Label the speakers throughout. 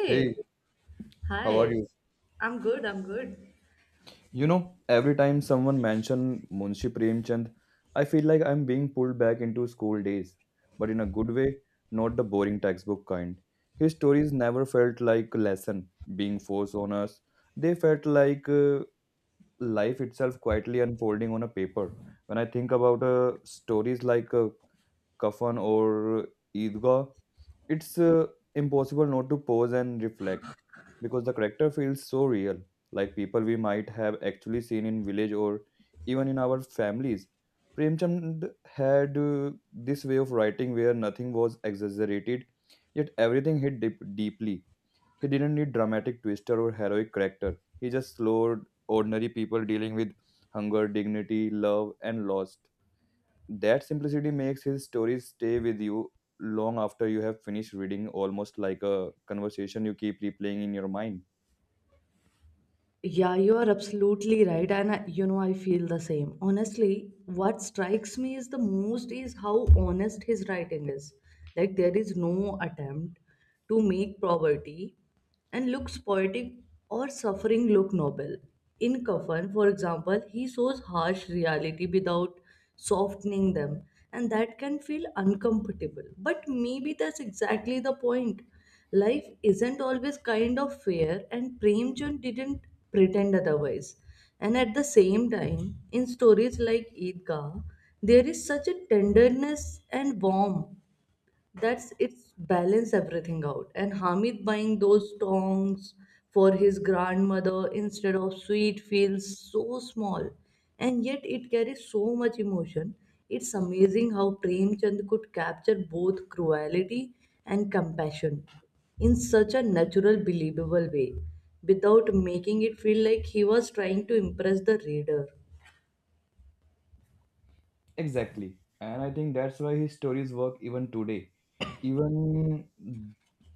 Speaker 1: Hey, how are
Speaker 2: hi.
Speaker 1: you?
Speaker 2: I'm good, I'm good.
Speaker 1: You know, every time someone mention Munshi Premchand, I feel like I'm being pulled back into school days, but in a good way, not the boring textbook kind. His stories never felt like a lesson being forced on us. They felt like life itself quietly unfolding on a paper. When I think about stories like kafan or Eidgah, it's impossible not to pause and reflect because the character feels so real, like people we might have actually seen in village or even in our families. Premchand had this way of writing where nothing was exaggerated, yet everything hit deeply. He didn't need dramatic twister or heroic character. He just slowed ordinary people dealing with hunger, dignity, love, and loss that simplicity makes his stories stay with you long after you have finished reading, almost like a conversation you keep replaying in your mind.
Speaker 2: Yeah, you are absolutely right. And I feel the same. Honestly, what strikes me is the most is how honest his writing is. Like, there is no attempt to make poverty and looks poetic or suffering look noble. In Kafan, for example, he shows harsh reality without softening them, and that can feel uncomfortable. But maybe that's exactly the point. Life isn't always kind of fair, and Premchand didn't pretend otherwise. And at the same time, in stories like Eidgah, there is such a tenderness and warmth that's it's balance everything out and hamid buying those tongs for his grandmother instead of sweet feels so small, and yet it carries so much emotion. It's amazing how Premchand could capture both cruelty and compassion in such a natural, believable way without making it feel like he was trying to impress the reader.
Speaker 1: Exactly. And I think that's why his stories work even today. Even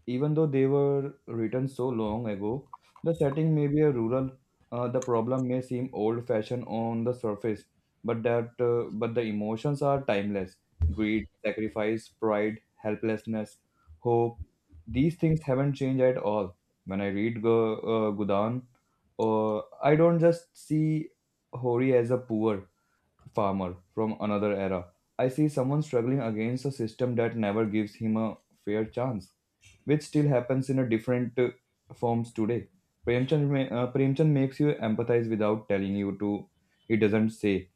Speaker 1: even though they were written so long ago, the setting may be a rural. The problem may seem old-fashioned on the surface, but the emotions are timeless. Greed, sacrifice, pride, helplessness, hope. These things haven't changed at all. When I read Gudan, I don't just see Hori as a poor farmer from another era. I see someone struggling against a system that never gives him a fair chance, which still happens in a different forms today. Premchand makes you empathize without telling you to. He doesn't say,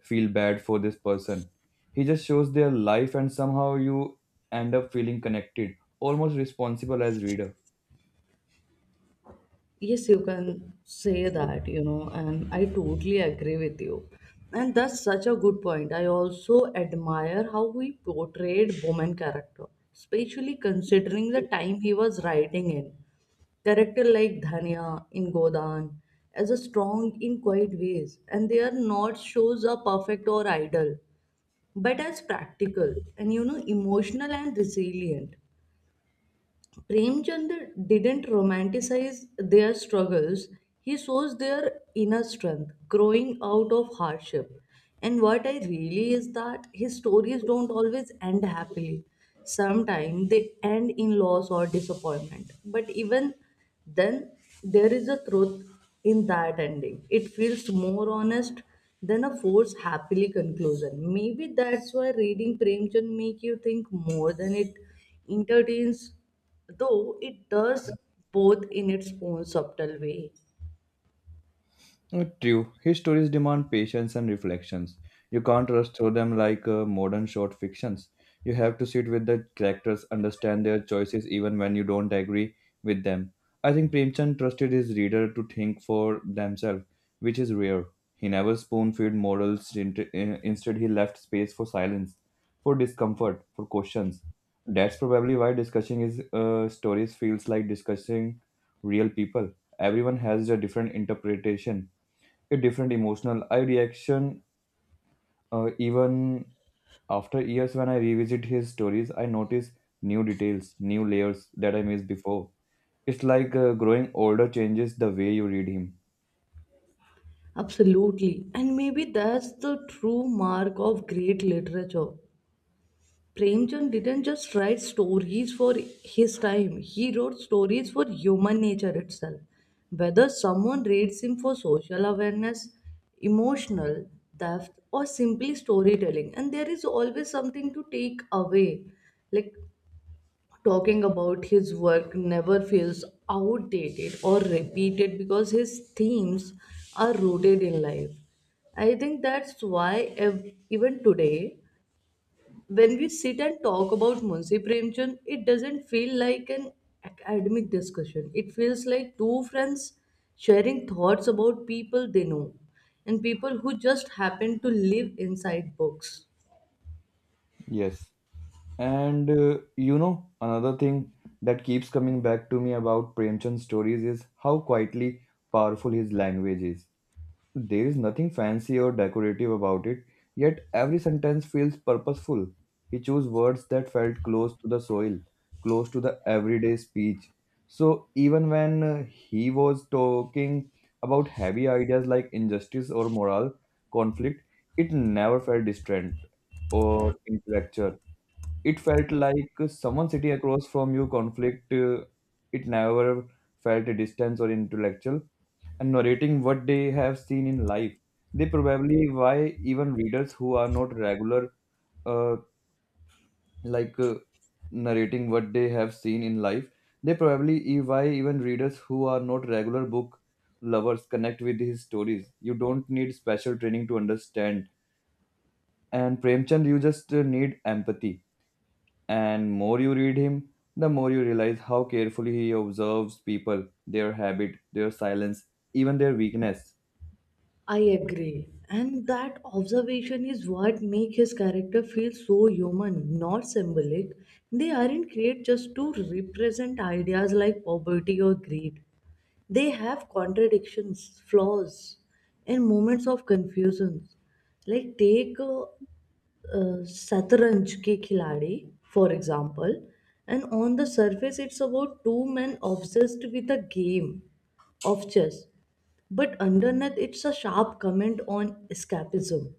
Speaker 1: feel bad for this person. He just shows their life, and somehow you end up feeling connected, almost responsible as reader.
Speaker 2: Yes, you can say that and I totally agree with you. And that's such a good point. I also admire how he portrayed Bowman character, especially considering the time he was writing in. Character like Dhania in Godan as a strong in quiet ways, and they are not shows are perfect or idle, but as practical and emotional and resilient. Premchand didn't romanticize their struggles. He shows their inner strength growing out of hardship. And what I really is that his stories don't always end happily. Sometimes they end in loss or disappointment. But even then, there is a truth in that ending. It feels more honest than a forced happily conclusion. Maybe that's why reading Premchand make you think more than it entertains, though it does both in its own subtle way.
Speaker 1: True His stories demand patience and reflections. You can't rush through them like modern short fictions. You have to sit with the characters, understand their choices even when you don't agree with them. I think Premchand trusted his reader to think for themselves, which is rare. He never spoon-fed morals. Instead, he left space for silence, for discomfort, for questions. That's probably why discussing his stories feels like discussing real people. Everyone has a different interpretation, a different emotional I reaction, even after years when I revisit his stories, I notice new details, new layers that I missed before. It's like growing older changes the way you read him.
Speaker 2: Absolutely. And maybe that's the true mark of great literature. Premchand didn't just write stories for his time, he wrote stories for human nature itself. Whether someone reads him for social awareness, emotional depth, or simply storytelling, and there is always something to take away. Like talking about his work never feels outdated or repeated because his themes are rooted in life. I think that's why even today, when we sit and talk about Munshi Premchand, it doesn't feel like an academic discussion. It feels like two friends sharing thoughts about people they know and people who just happen to live inside books.
Speaker 1: Yes, and you know, another thing that keeps coming back to me about Premchand's stories is how quietly powerful his language is. There is nothing fancy or decorative about it, yet every sentence feels purposeful. He chose words that felt close to the soil, close to the everyday speech. So even when he was talking about heavy ideas like injustice or moral conflict, it never felt distant or intellectual. It felt like someone sitting across from you conflict. It never felt a distance or intellectual and narrating what they have seen in life. They probably why even readers who are not regular, uh, like uh, narrating what they have seen in life, they probably why even readers who are not regular book lovers connect with his stories. You don't need special training to understand. And Premchand, you just need empathy. And more you read him, the more you realize how carefully he observes people, their habit, their silence, even their weakness.
Speaker 2: I agree. And that observation is what make his character feel so human, not symbolic. They aren't created just to represent ideas like poverty or greed. They have contradictions, flaws, and moments of confusion. Like take Satranj Ke Khiladi, for example, and on the surface it's about two men obsessed with a game of chess, but underneath it's a sharp comment on escapism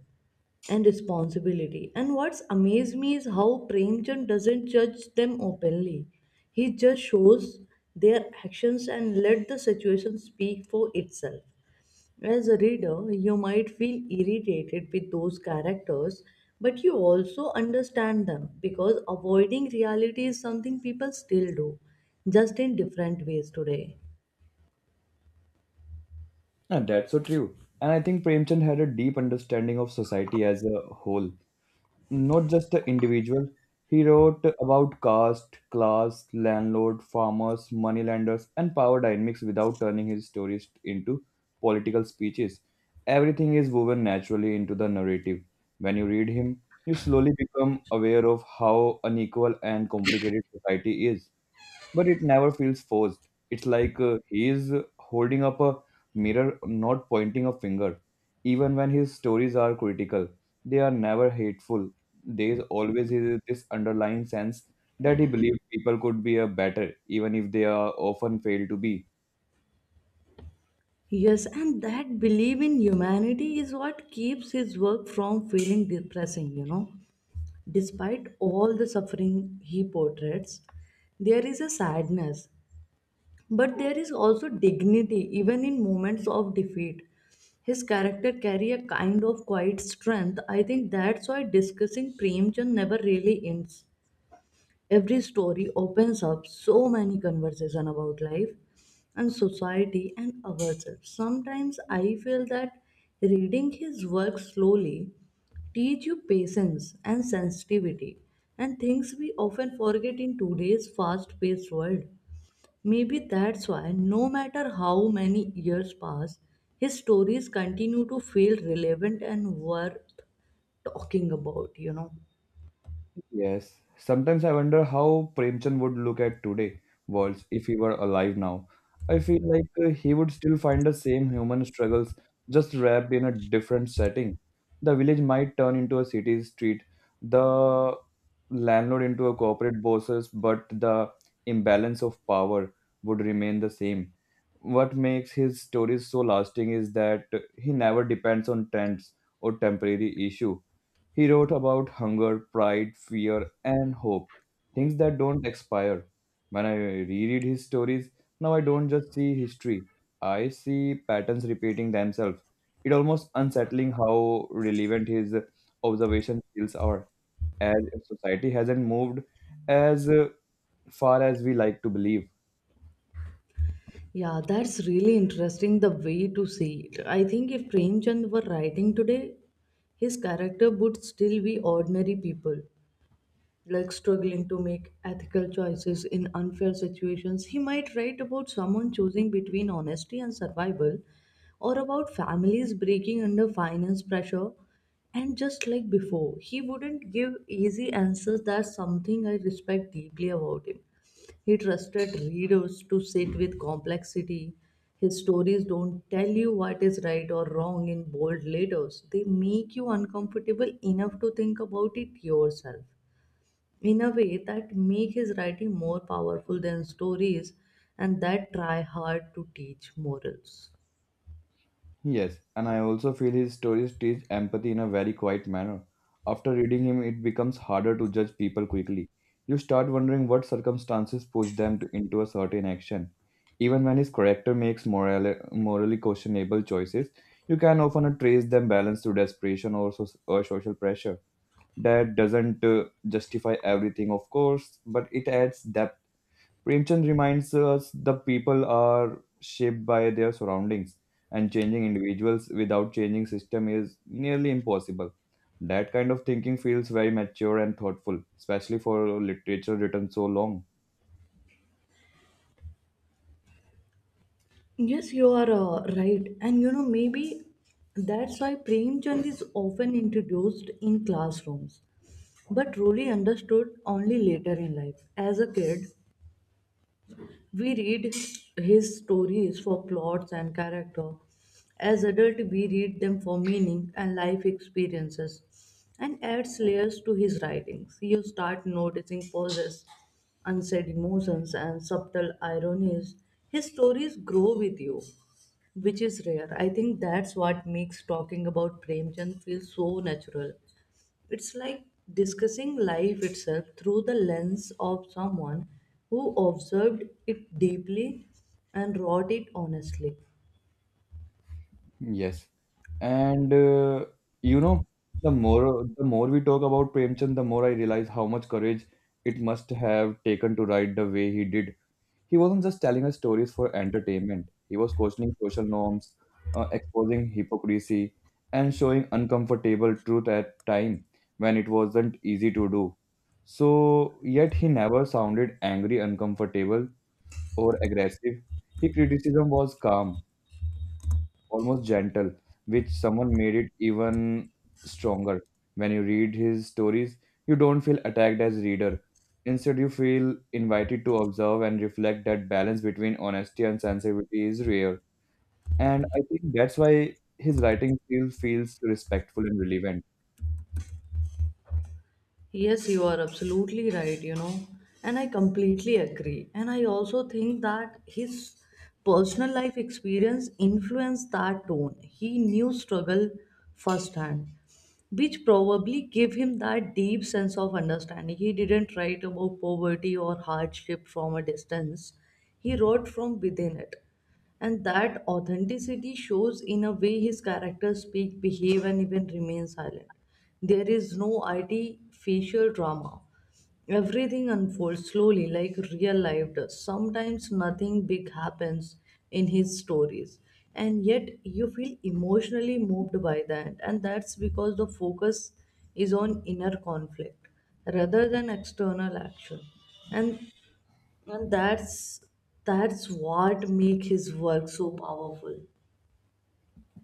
Speaker 2: and responsibility. And what's amazed me is how Premchand doesn't judge them openly. He just shows their actions and let the situation speak for itself. As a reader, you might feel irritated with those characters, but you also understand them because avoiding reality is something people still do, just in different ways today.
Speaker 1: And that's so true. And I think Premchand had a deep understanding of society as a whole, not just the individual. He wrote about caste, class, landlord, farmers, moneylenders, and power dynamics without turning his stories into political speeches. Everything is woven naturally into the narrative. When you read him, you slowly become aware of how unequal and complicated society is, but it never feels forced. It's like he is holding up a mirror, not pointing a finger. Even when his stories are critical, they are never hateful. There is always is this underlying sense that he believed people could be a better, even if they are often fail to be.
Speaker 2: Yes, and that belief in humanity is what keeps his work from feeling depressing, Despite all the suffering he portrays, there is a sadness, but there is also dignity even in moments of defeat. His character carry a kind of quiet strength. I think that's why discussing Premchand never really ends. Every story opens up so many conversation about life and society and ourselves. Sometimes I feel that reading his work slowly teach you patience and sensitivity and things we often forget in today's fast paced world. Maybe that's why, no matter how many years pass, his stories continue to feel relevant and worth talking about.
Speaker 1: Yes. Sometimes I wonder how Premchand would look at today worlds if he were alive now. I feel like he would still find the same human struggles, just wrapped in a different setting. The village might turn into a city street, the landlord into a corporate bosses, but the imbalance of power would remain the same. What makes his stories so lasting is that he never depends on trends or temporary issue. He wrote about hunger, pride, fear, and hope, things that don't expire. When I reread his stories, now I don't just see history, I see patterns repeating themselves. It's almost unsettling how relevant his observations skills are, as if society hasn't moved as far as we like to believe.
Speaker 2: Yeah, that's really interesting the way to see it. I think if Premchand were writing today, his character would still be ordinary people like struggling to make ethical choices in unfair situations. He might write about someone choosing between honesty and survival, or about families breaking under finance pressure. And just like before, he wouldn't give easy answers. That's something I respect deeply about him. He trusted readers to sit with complexity. His stories don't tell you what is right or wrong in bold letters. They make you uncomfortable enough to think about it yourself in a way that make his writing more powerful than stories and that try hard to teach morals.
Speaker 1: Yes, and I also feel his stories teach empathy in a very quiet manner. After reading him, it becomes harder to judge people quickly. You start wondering what circumstances push them to, into a certain action. Even when his character makes moral, morally questionable choices, you can often trace them balance to desperation or, so, or social pressure. That doesn't justify everything, of course, but it adds depth. Premchand reminds us the people are shaped by their surroundings, and changing individuals without changing system is nearly impossible. That kind of thinking feels very mature and thoughtful, especially for literature written so long.
Speaker 2: Yes, you are right, and maybe that's why Premchand is often introduced in classrooms but truly understood only later in life. As a kid, we read his stories for plots and character. As adults, we read them for meaning and life experiences and adds layers to his writings. You start noticing pauses, unsaid emotions, and subtle ironies. His stories grow with you, which is rare. I think that's what makes talking about Premchand feel so natural. It's like discussing life itself through the lens of someone who observed it deeply and wrote it honestly.
Speaker 1: Yes, and you know, the more we talk about Premchand, the more I realize how much courage it must have taken to write the way he did. He wasn't just telling us stories for entertainment, he was questioning social norms, exposing hypocrisy, and showing uncomfortable truth at time when it wasn't easy to do. So, yet he never sounded angry, uncomfortable, or aggressive. His criticism was calm, almost gentle, which someone made it even stronger. When you read his stories, you don't feel attacked as reader. Instead, you feel invited to observe and reflect that balance between honesty and sensitivity is rare. And I think that's why his writing still feels respectful and relevant.
Speaker 2: Yes, you are absolutely right, and I completely agree. And I also think that his personal life experience influenced that tone. He knew struggle firsthand, which probably gave him that deep sense of understanding. He didn't write about poverty or hardship from a distance, he wrote from within it. And that authenticity shows in a way his characters speak, behave, and even remain silent. There is no artificial drama. Everything unfolds slowly like real life does. Sometimes nothing big happens in his stories, and yet you feel emotionally moved by that, and that's because the focus is on inner conflict rather than external action. And and that's what makes his work so powerful.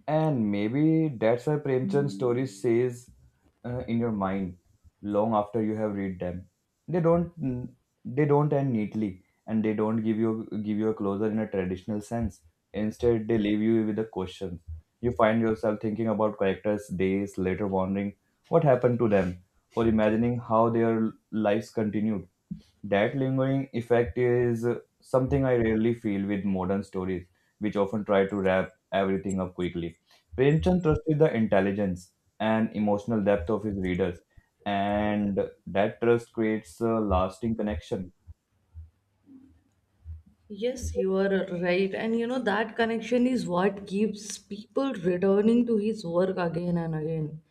Speaker 1: And maybe that's why Premchand stories stays in your mind long after you have read them. They don't they don't end neatly, and they don't give you a closure in a traditional sense. Instead, they leave you with a question. You find yourself thinking about characters days later, wondering what happened to them, or imagining how their lives continued. That lingering effect is something I rarely feel with modern stories, which often try to wrap everything up quickly. Premchand trusted the intelligence and emotional depth of his readers, and that trust creates a lasting connection.
Speaker 2: Yes, you are right. And that connection is what keeps people returning to his work again and again.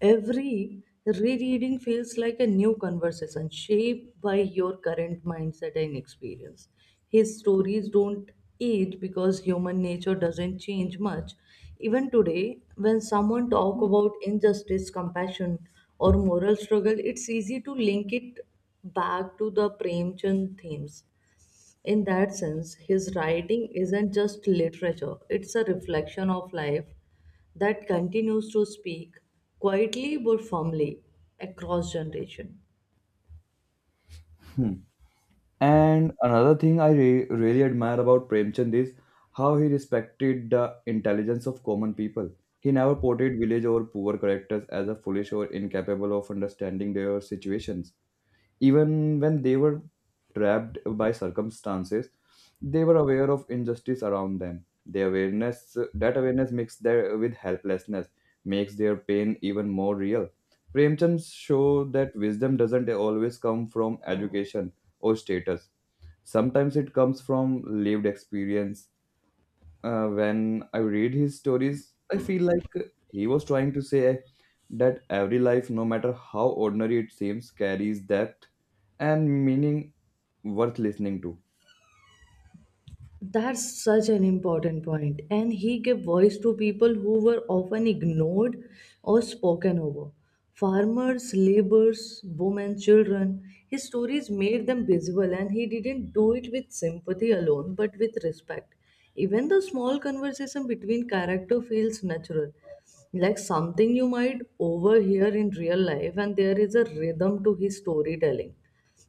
Speaker 2: Every rereading feels like a new conversation shaped by your current mindset and experience. His stories don't age because human nature doesn't change much. Even today, when someone talk about injustice, compassion, or moral struggle, it's easy to link it back to the Premchand themes in that sense, his writing isn't just literature, it's a reflection of life that continues to speak quietly but firmly across generation.
Speaker 1: Hmm. And another thing I really admire about Premchand is how he respected the intelligence of common people. He never portrayed village or poor characters as a foolish or incapable of understanding their situations. Even when they were trapped by circumstances, they were aware of injustice around them. The awareness that awareness mixed their, with helplessness makes their pain even more real. Premchand show that wisdom doesn't always come from education or status. Sometimes it comes from lived experience. When I read his stories, I feel like he was trying to say that every life, no matter how ordinary it seems, carries depth and meaning worth listening to.
Speaker 2: That's such an important point. And he gave voice to people who were often ignored or spoken over. Farmers, laborers, women, children. His stories made them visible, and he didn't do it with sympathy alone, but with respect. Even the small conversation between character feels natural, like something you might overhear in real life, and there is a rhythm to his storytelling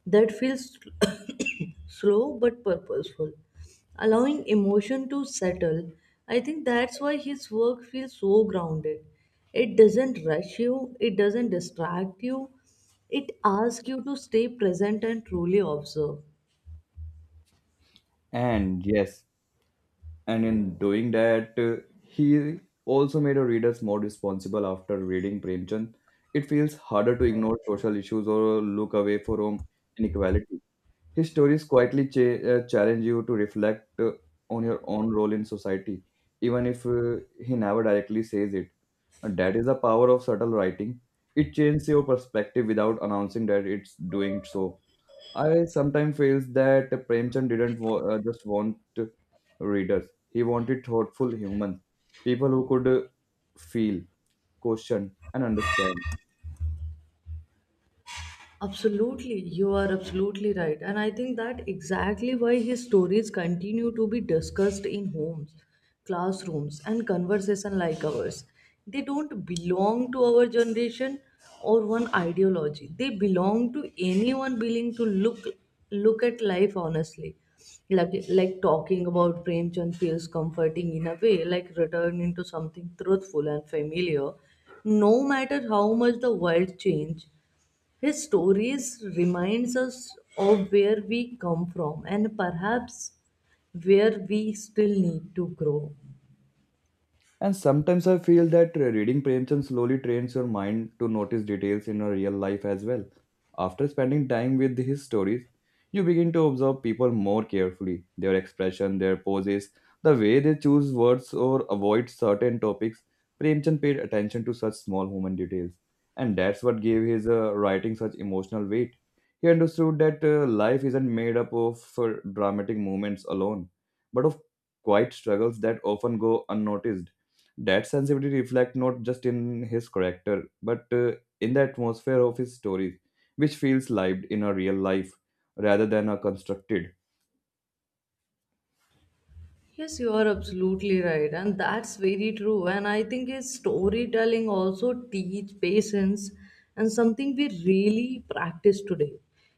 Speaker 2: that feels slow but purposeful, allowing emotion to settle. I think that's why his work feels so grounded. It doesn't rush you, it doesn't distract you, it asks you to stay present and truly observe.
Speaker 1: And yes, and in doing that, he also made our readers more responsible after reading Premchand. It feels harder to ignore social issues or look away from inequality. His stories quietly challenge you to reflect on your own role in society, even if he never directly says it. And that is the power of subtle writing. It changes your perspective without announcing that it's doing so. I sometimes feel that Premchand didn't just want readers. He wanted thoughtful humans, people who could feel, question, and understand.
Speaker 2: Absolutely, you are absolutely right. And I think that exactly why his stories continue to be discussed in homes, classrooms, and conversation like ours. They don't belong to our generation or one ideology. They belong to anyone willing to look at life honestly. Like talking about Premchand feels comforting in a way, like returning to something truthful and familiar no matter how much the world change his stories reminds us of where we come from and perhaps where we still need to grow.
Speaker 1: And sometimes I feel that reading Premchand slowly trains your mind to notice details in your real life as well. After spending time with his stories, you begin to observe people more carefully, their expression, their poses, the way they choose words or avoid certain topics. Premchand paid attention to such small human details, and that's what gave his writing such emotional weight. He understood that life isn't made up of dramatic moments alone, but of quiet struggles that often go unnoticed. That sensibility reflects not just in his character, but in the atmosphere of his stories, which feels lived in a real life rather than a constructed.
Speaker 2: Yes, you are absolutely right, and that's very true. And I think his storytelling also teach patience and something we really practice today.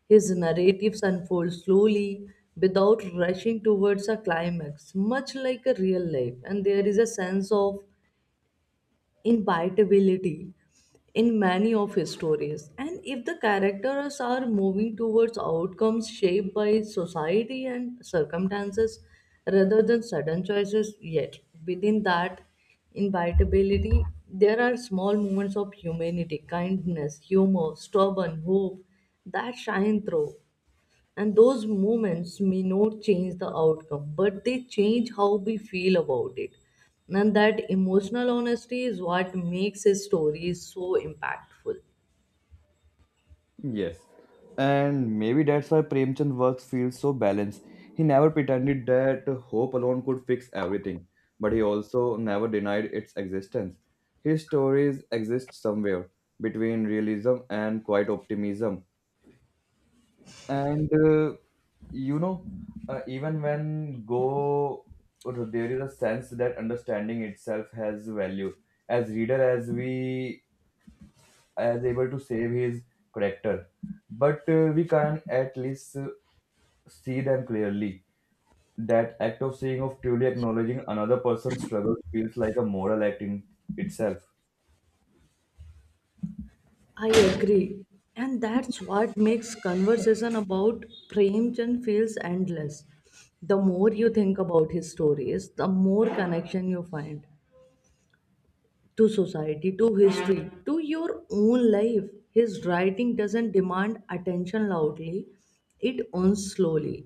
Speaker 2: His narratives unfold slowly without rushing towards a climax, much like a real life, and there is a sense of inevitability in many of his stories. And if the characters are moving towards outcomes shaped by society and circumstances rather than sudden choices, yet within that inevitability, there are small moments of humanity, kindness, humor, stubborn hope that shine through. And those moments may not change the outcome, but they change how we feel about it. And that emotional honesty is what makes a story so impactful.
Speaker 1: Yes. And maybe that's why Premchand works feels so balanced. He never pretended that hope alone could fix everything, but he also never denied its existence. His stories exist somewhere between realism and quiet optimism. And you know even when go There is a sense that understanding itself has value as reader as we as able to save his character, but we can at least see them clearly. That act of seeing, of truly acknowledging another person's struggle, feels like a moral act in itself.
Speaker 2: I agree. And that's what makes conversation about Premchand feels endless. The more you think about his stories, the more connection you find to society, to history, to your own life. His writing doesn't demand attention loudly, it earns slowly.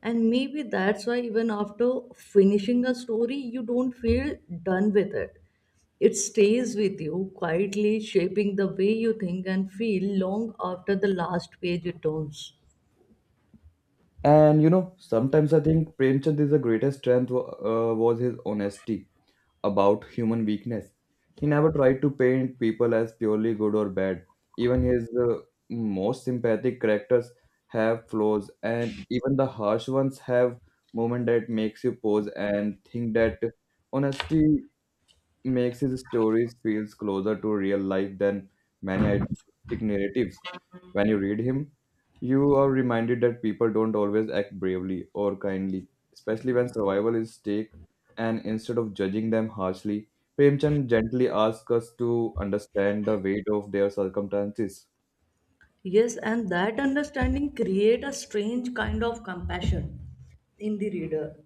Speaker 2: And maybe that's why, even after finishing a story, you don't feel done with it. It stays with you, quietly shaping the way you think and feel long after the last page it turns.
Speaker 1: And sometimes I think Premchand is the greatest strength was his honesty about human weakness. He never tried to paint people as purely good or bad. Even his most sympathetic characters have flaws, and even the harsh ones have moment that makes you pause and think that honesty makes his stories feels closer to real life than many idealistic narratives. When you read him, you are reminded that people don't always act bravely or kindly, especially when survival is stake. And instead of judging them harshly, Premchand gently asks us to understand the weight of their circumstances.
Speaker 2: Yes, and that understanding create a strange kind of compassion in the reader.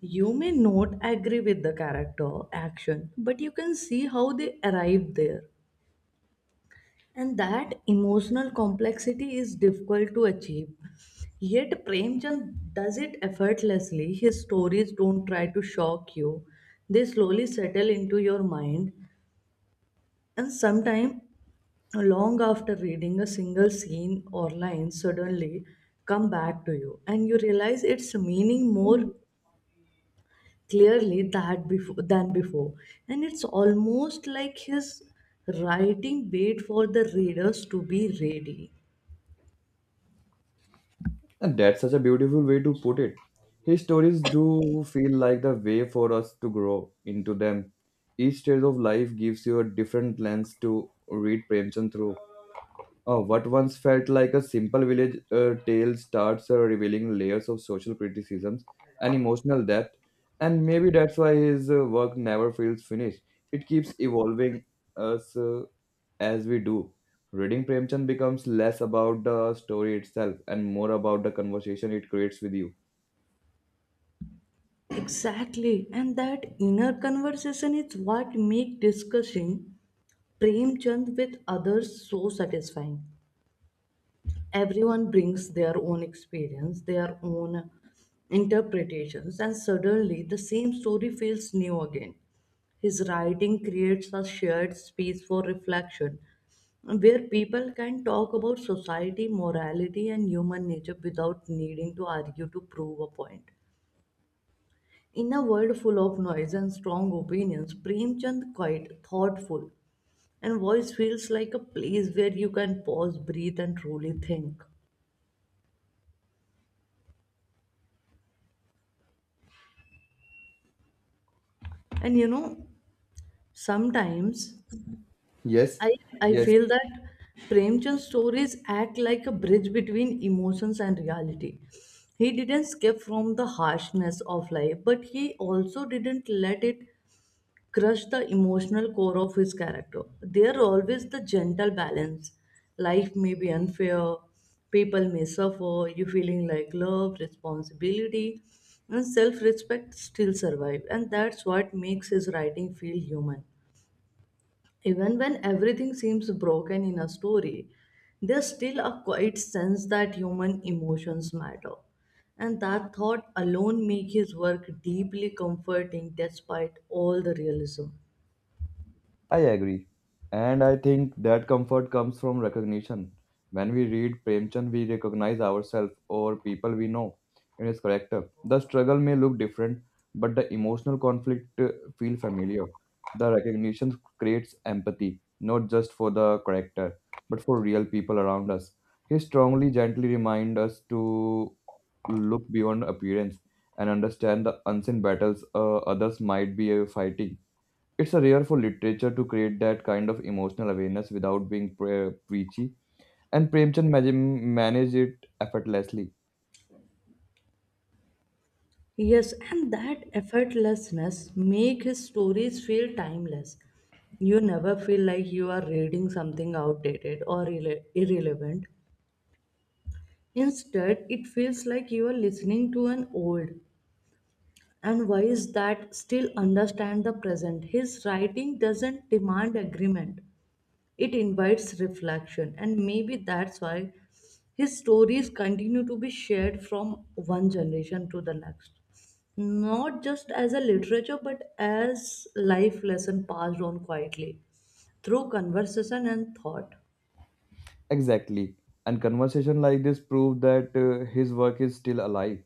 Speaker 2: You may not agree with the character action, but you can see how they arrived there. And that emotional complexity is difficult to achieve. Yet Premchand does it effortlessly. His stories don't try to shock you. They slowly settle into your mind and sometimes, long after reading a single scene or line suddenly come back to you and you realize its meaning more clearly than before, and it's almost like his writing wait for the readers to be ready.
Speaker 1: And that's such a beautiful way to put it. His stories do feel like the way for us to grow into them. Each stage of life gives you a different lens to read Premchand through. What once felt like a simple village tale starts revealing layers of social criticisms and emotional depth, and maybe that's why his work never feels finished. It keeps evolving us as we do. Reading Premchand becomes less about the story itself and more about the conversation it creates with you.
Speaker 2: Exactly, and that inner conversation is what make discussing Prem Chand with others so satisfying. Everyone brings their own experience, their own interpretations, and suddenly the same story feels new again. His writing creates a shared space for reflection where people can talk about society, morality, and human nature without needing to argue to prove a point. In a world full of noise and strong opinions, Premchand quite thoughtful and voice feels like a place where you can pause, breathe, and truly think. And you know, sometimes
Speaker 1: Yes,
Speaker 2: I, I
Speaker 1: yes,
Speaker 2: feel that Premchand's stories act like a bridge between emotions and reality. He didn't escape from the harshness of life, but he also didn't let it crush the emotional core of his character. There always the gentle balance. Life may be unfair, people may suffer, you feeling like love, responsibility, and self respect still survive. And that's what makes his writing feel human. Even when everything seems broken in a story, there's still a quiet sense that human emotions matter. And that thought alone makes his work deeply comforting despite all the realism.
Speaker 1: I agree. And I think that comfort comes from recognition. When we read Premchand, we recognize ourselves or people we know in his character. The struggle may look different, but the emotional conflict feel familiar. The recognition creates empathy, not just for the character, but for real people around us. He strongly, gently reminds us to look beyond appearance and understand the unseen battles others might be fighting. It's a rare for literature to create that kind of emotional awareness without being preachy, and Premchand managed it effortlessly.
Speaker 2: Yes, and that effortlessness make his stories feel timeless. You never feel like you are reading something outdated or irrelevant. Instead, it feels like you are listening to an old, and wise that still understand the present. His writing doesn't demand agreement, it invites reflection, and maybe that's why his stories continue to be shared from one generation to the next. Not just as a literature, but as life lesson passed on quietly through conversation and thought.
Speaker 1: Exactly. And conversation like this prove that his work is still alive.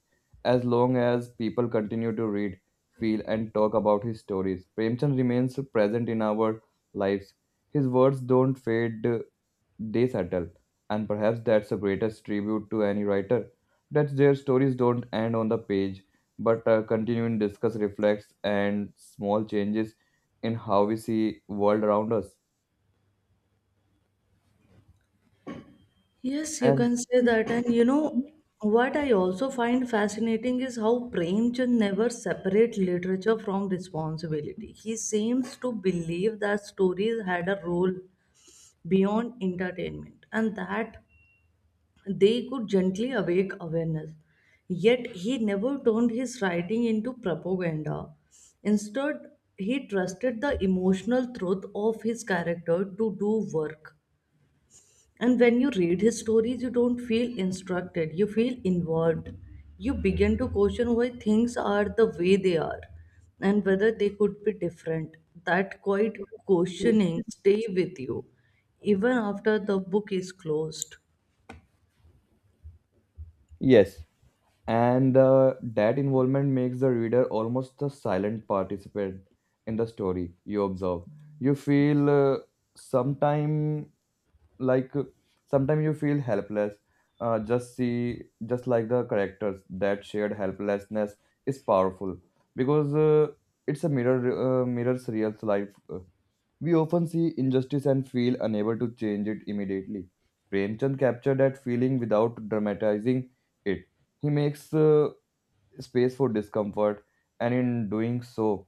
Speaker 1: As long as people continue to read, feel, and talk about his stories, Premchand remains present in our lives. His words don't fade, they settle. And perhaps that's the greatest tribute to any writer that their stories don't end on the page but continue in discuss, reflects, and small changes in how we see world around us.
Speaker 2: Yes, you
Speaker 1: And
Speaker 2: can say that. And you know, what I also find fascinating is how Premchand never separates literature from responsibility. He seems to believe that stories had a role beyond entertainment and that they could gently awake awareness. Yet he never turned his writing into propaganda. Instead, he trusted the emotional truth of his character to do work. And when you read his stories, you don't feel instructed, you feel involved. You begin to question why things are the way they are and whether they could be different. That quiet questioning stay with you even after the book is closed.
Speaker 1: yes, and that involvement makes the reader almost a silent participant in the story you observe. You feel sometime like sometimes you feel helpless, just like the characters. That shared helplessness is powerful because it's a mirror, mirrors real life. We often see injustice and feel unable to change it immediately. Premchand captured that feeling without dramatizing it. He makes space for discomfort, and in doing so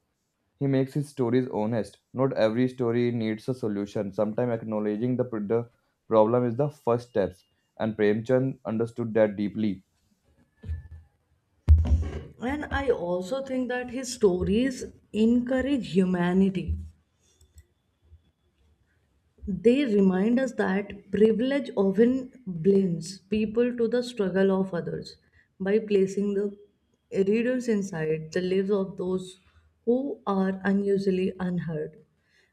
Speaker 1: he makes his stories honest. Not every story needs a solution. Sometimes acknowledging the problem is the first steps, and Premchand understood that deeply.
Speaker 2: And I also think that his stories encourage humanity. They remind us that privilege often blinds people to the struggle of others by placing the readers inside the lives of those who are unusually unheard.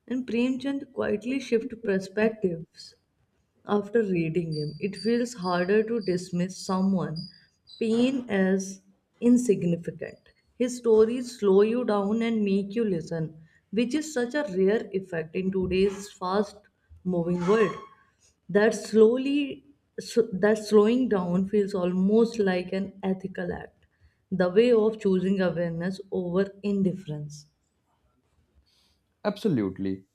Speaker 2: And Premchand quietly shifts perspectives. After reading him, it feels harder to dismiss someone pain as insignificant. His stories slow you down and make you listen, which is such a rare effect in today's fast moving world. That slowly so that slowing down feels almost like an ethical act, the way of choosing awareness over indifference.
Speaker 1: Absolutely.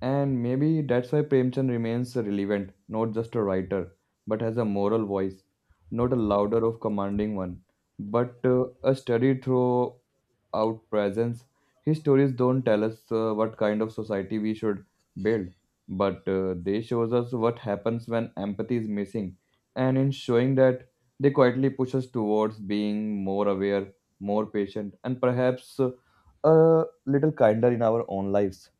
Speaker 1: And maybe that's why Premchand remains relevant, not just a writer, but as a moral voice, not a louder of commanding one, but a study throughout presence. His stories don't tell us what kind of society we should build, but they shows us what happens when empathy is missing. And in showing that, they quietly push us towards being more aware, more patient, and perhaps a little kinder in our own lives.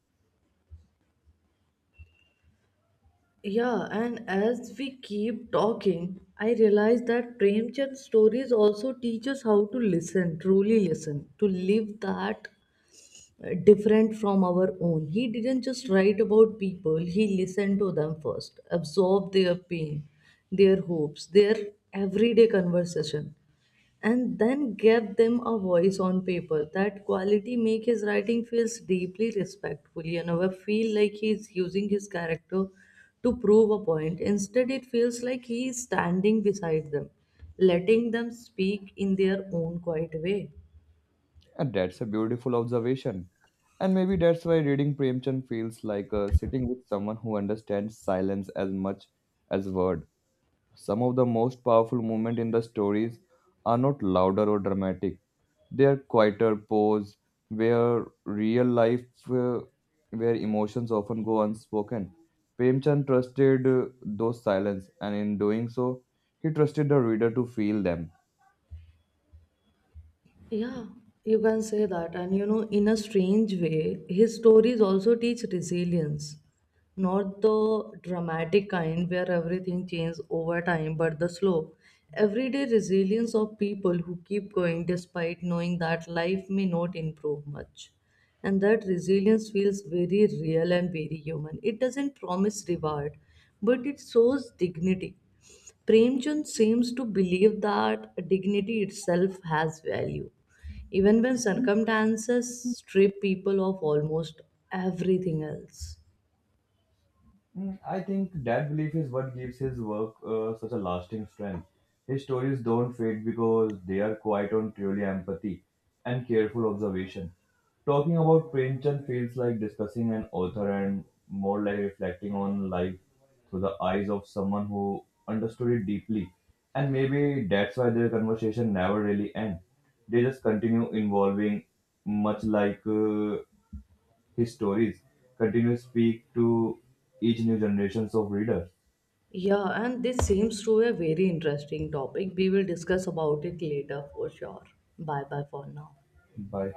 Speaker 2: Yeah, and as we keep talking, I realize that Premchand's stories also teach us how to listen, truly listen, to live that different from our own. He didn't just write about people, he listened to them first, absorbed their pain, their hopes, their everyday conversation and then gave them a voice on paper. That quality make his writing feels deeply respectful. You never feel like he's using his character to prove a point. Instead, it feels like he is standing beside them, letting them speak in their own quiet way.
Speaker 1: And that's a beautiful observation. And maybe that's why reading Premchand feels like sitting with someone who understands silence as much as word. Some of the most powerful moments in the stories are not louder or dramatic. They are quieter pose where real life, uh, where emotions often go unspoken. Premchand trusted those silence, and in doing so, he trusted the reader to feel them.
Speaker 2: Yeah, you can say that. And you know, in a strange way, his stories also teach resilience. Not the dramatic kind where everything changes over time, but the slow, everyday resilience of people who keep going despite knowing that life may not improve much. And that resilience feels very real and very human. It doesn't promise reward, but it shows dignity. Premchand seems to believe that dignity itself has value, even when circumstances strip people of almost everything else.
Speaker 1: Mm, I think that belief is what gives his work such a lasting strength. His stories don't fade because they are quite on truly empathy and careful observation. Talking about Premchand feels like discussing an author and more like reflecting on life through the eyes of someone who understood it deeply. And maybe that's why their conversation never really end. They just continue involving, much like his stories continue to speak to each new generations of readers.
Speaker 2: Yeah, and this seems to be a very interesting topic. We will discuss about it later for sure. Bye bye for now.
Speaker 1: Bye.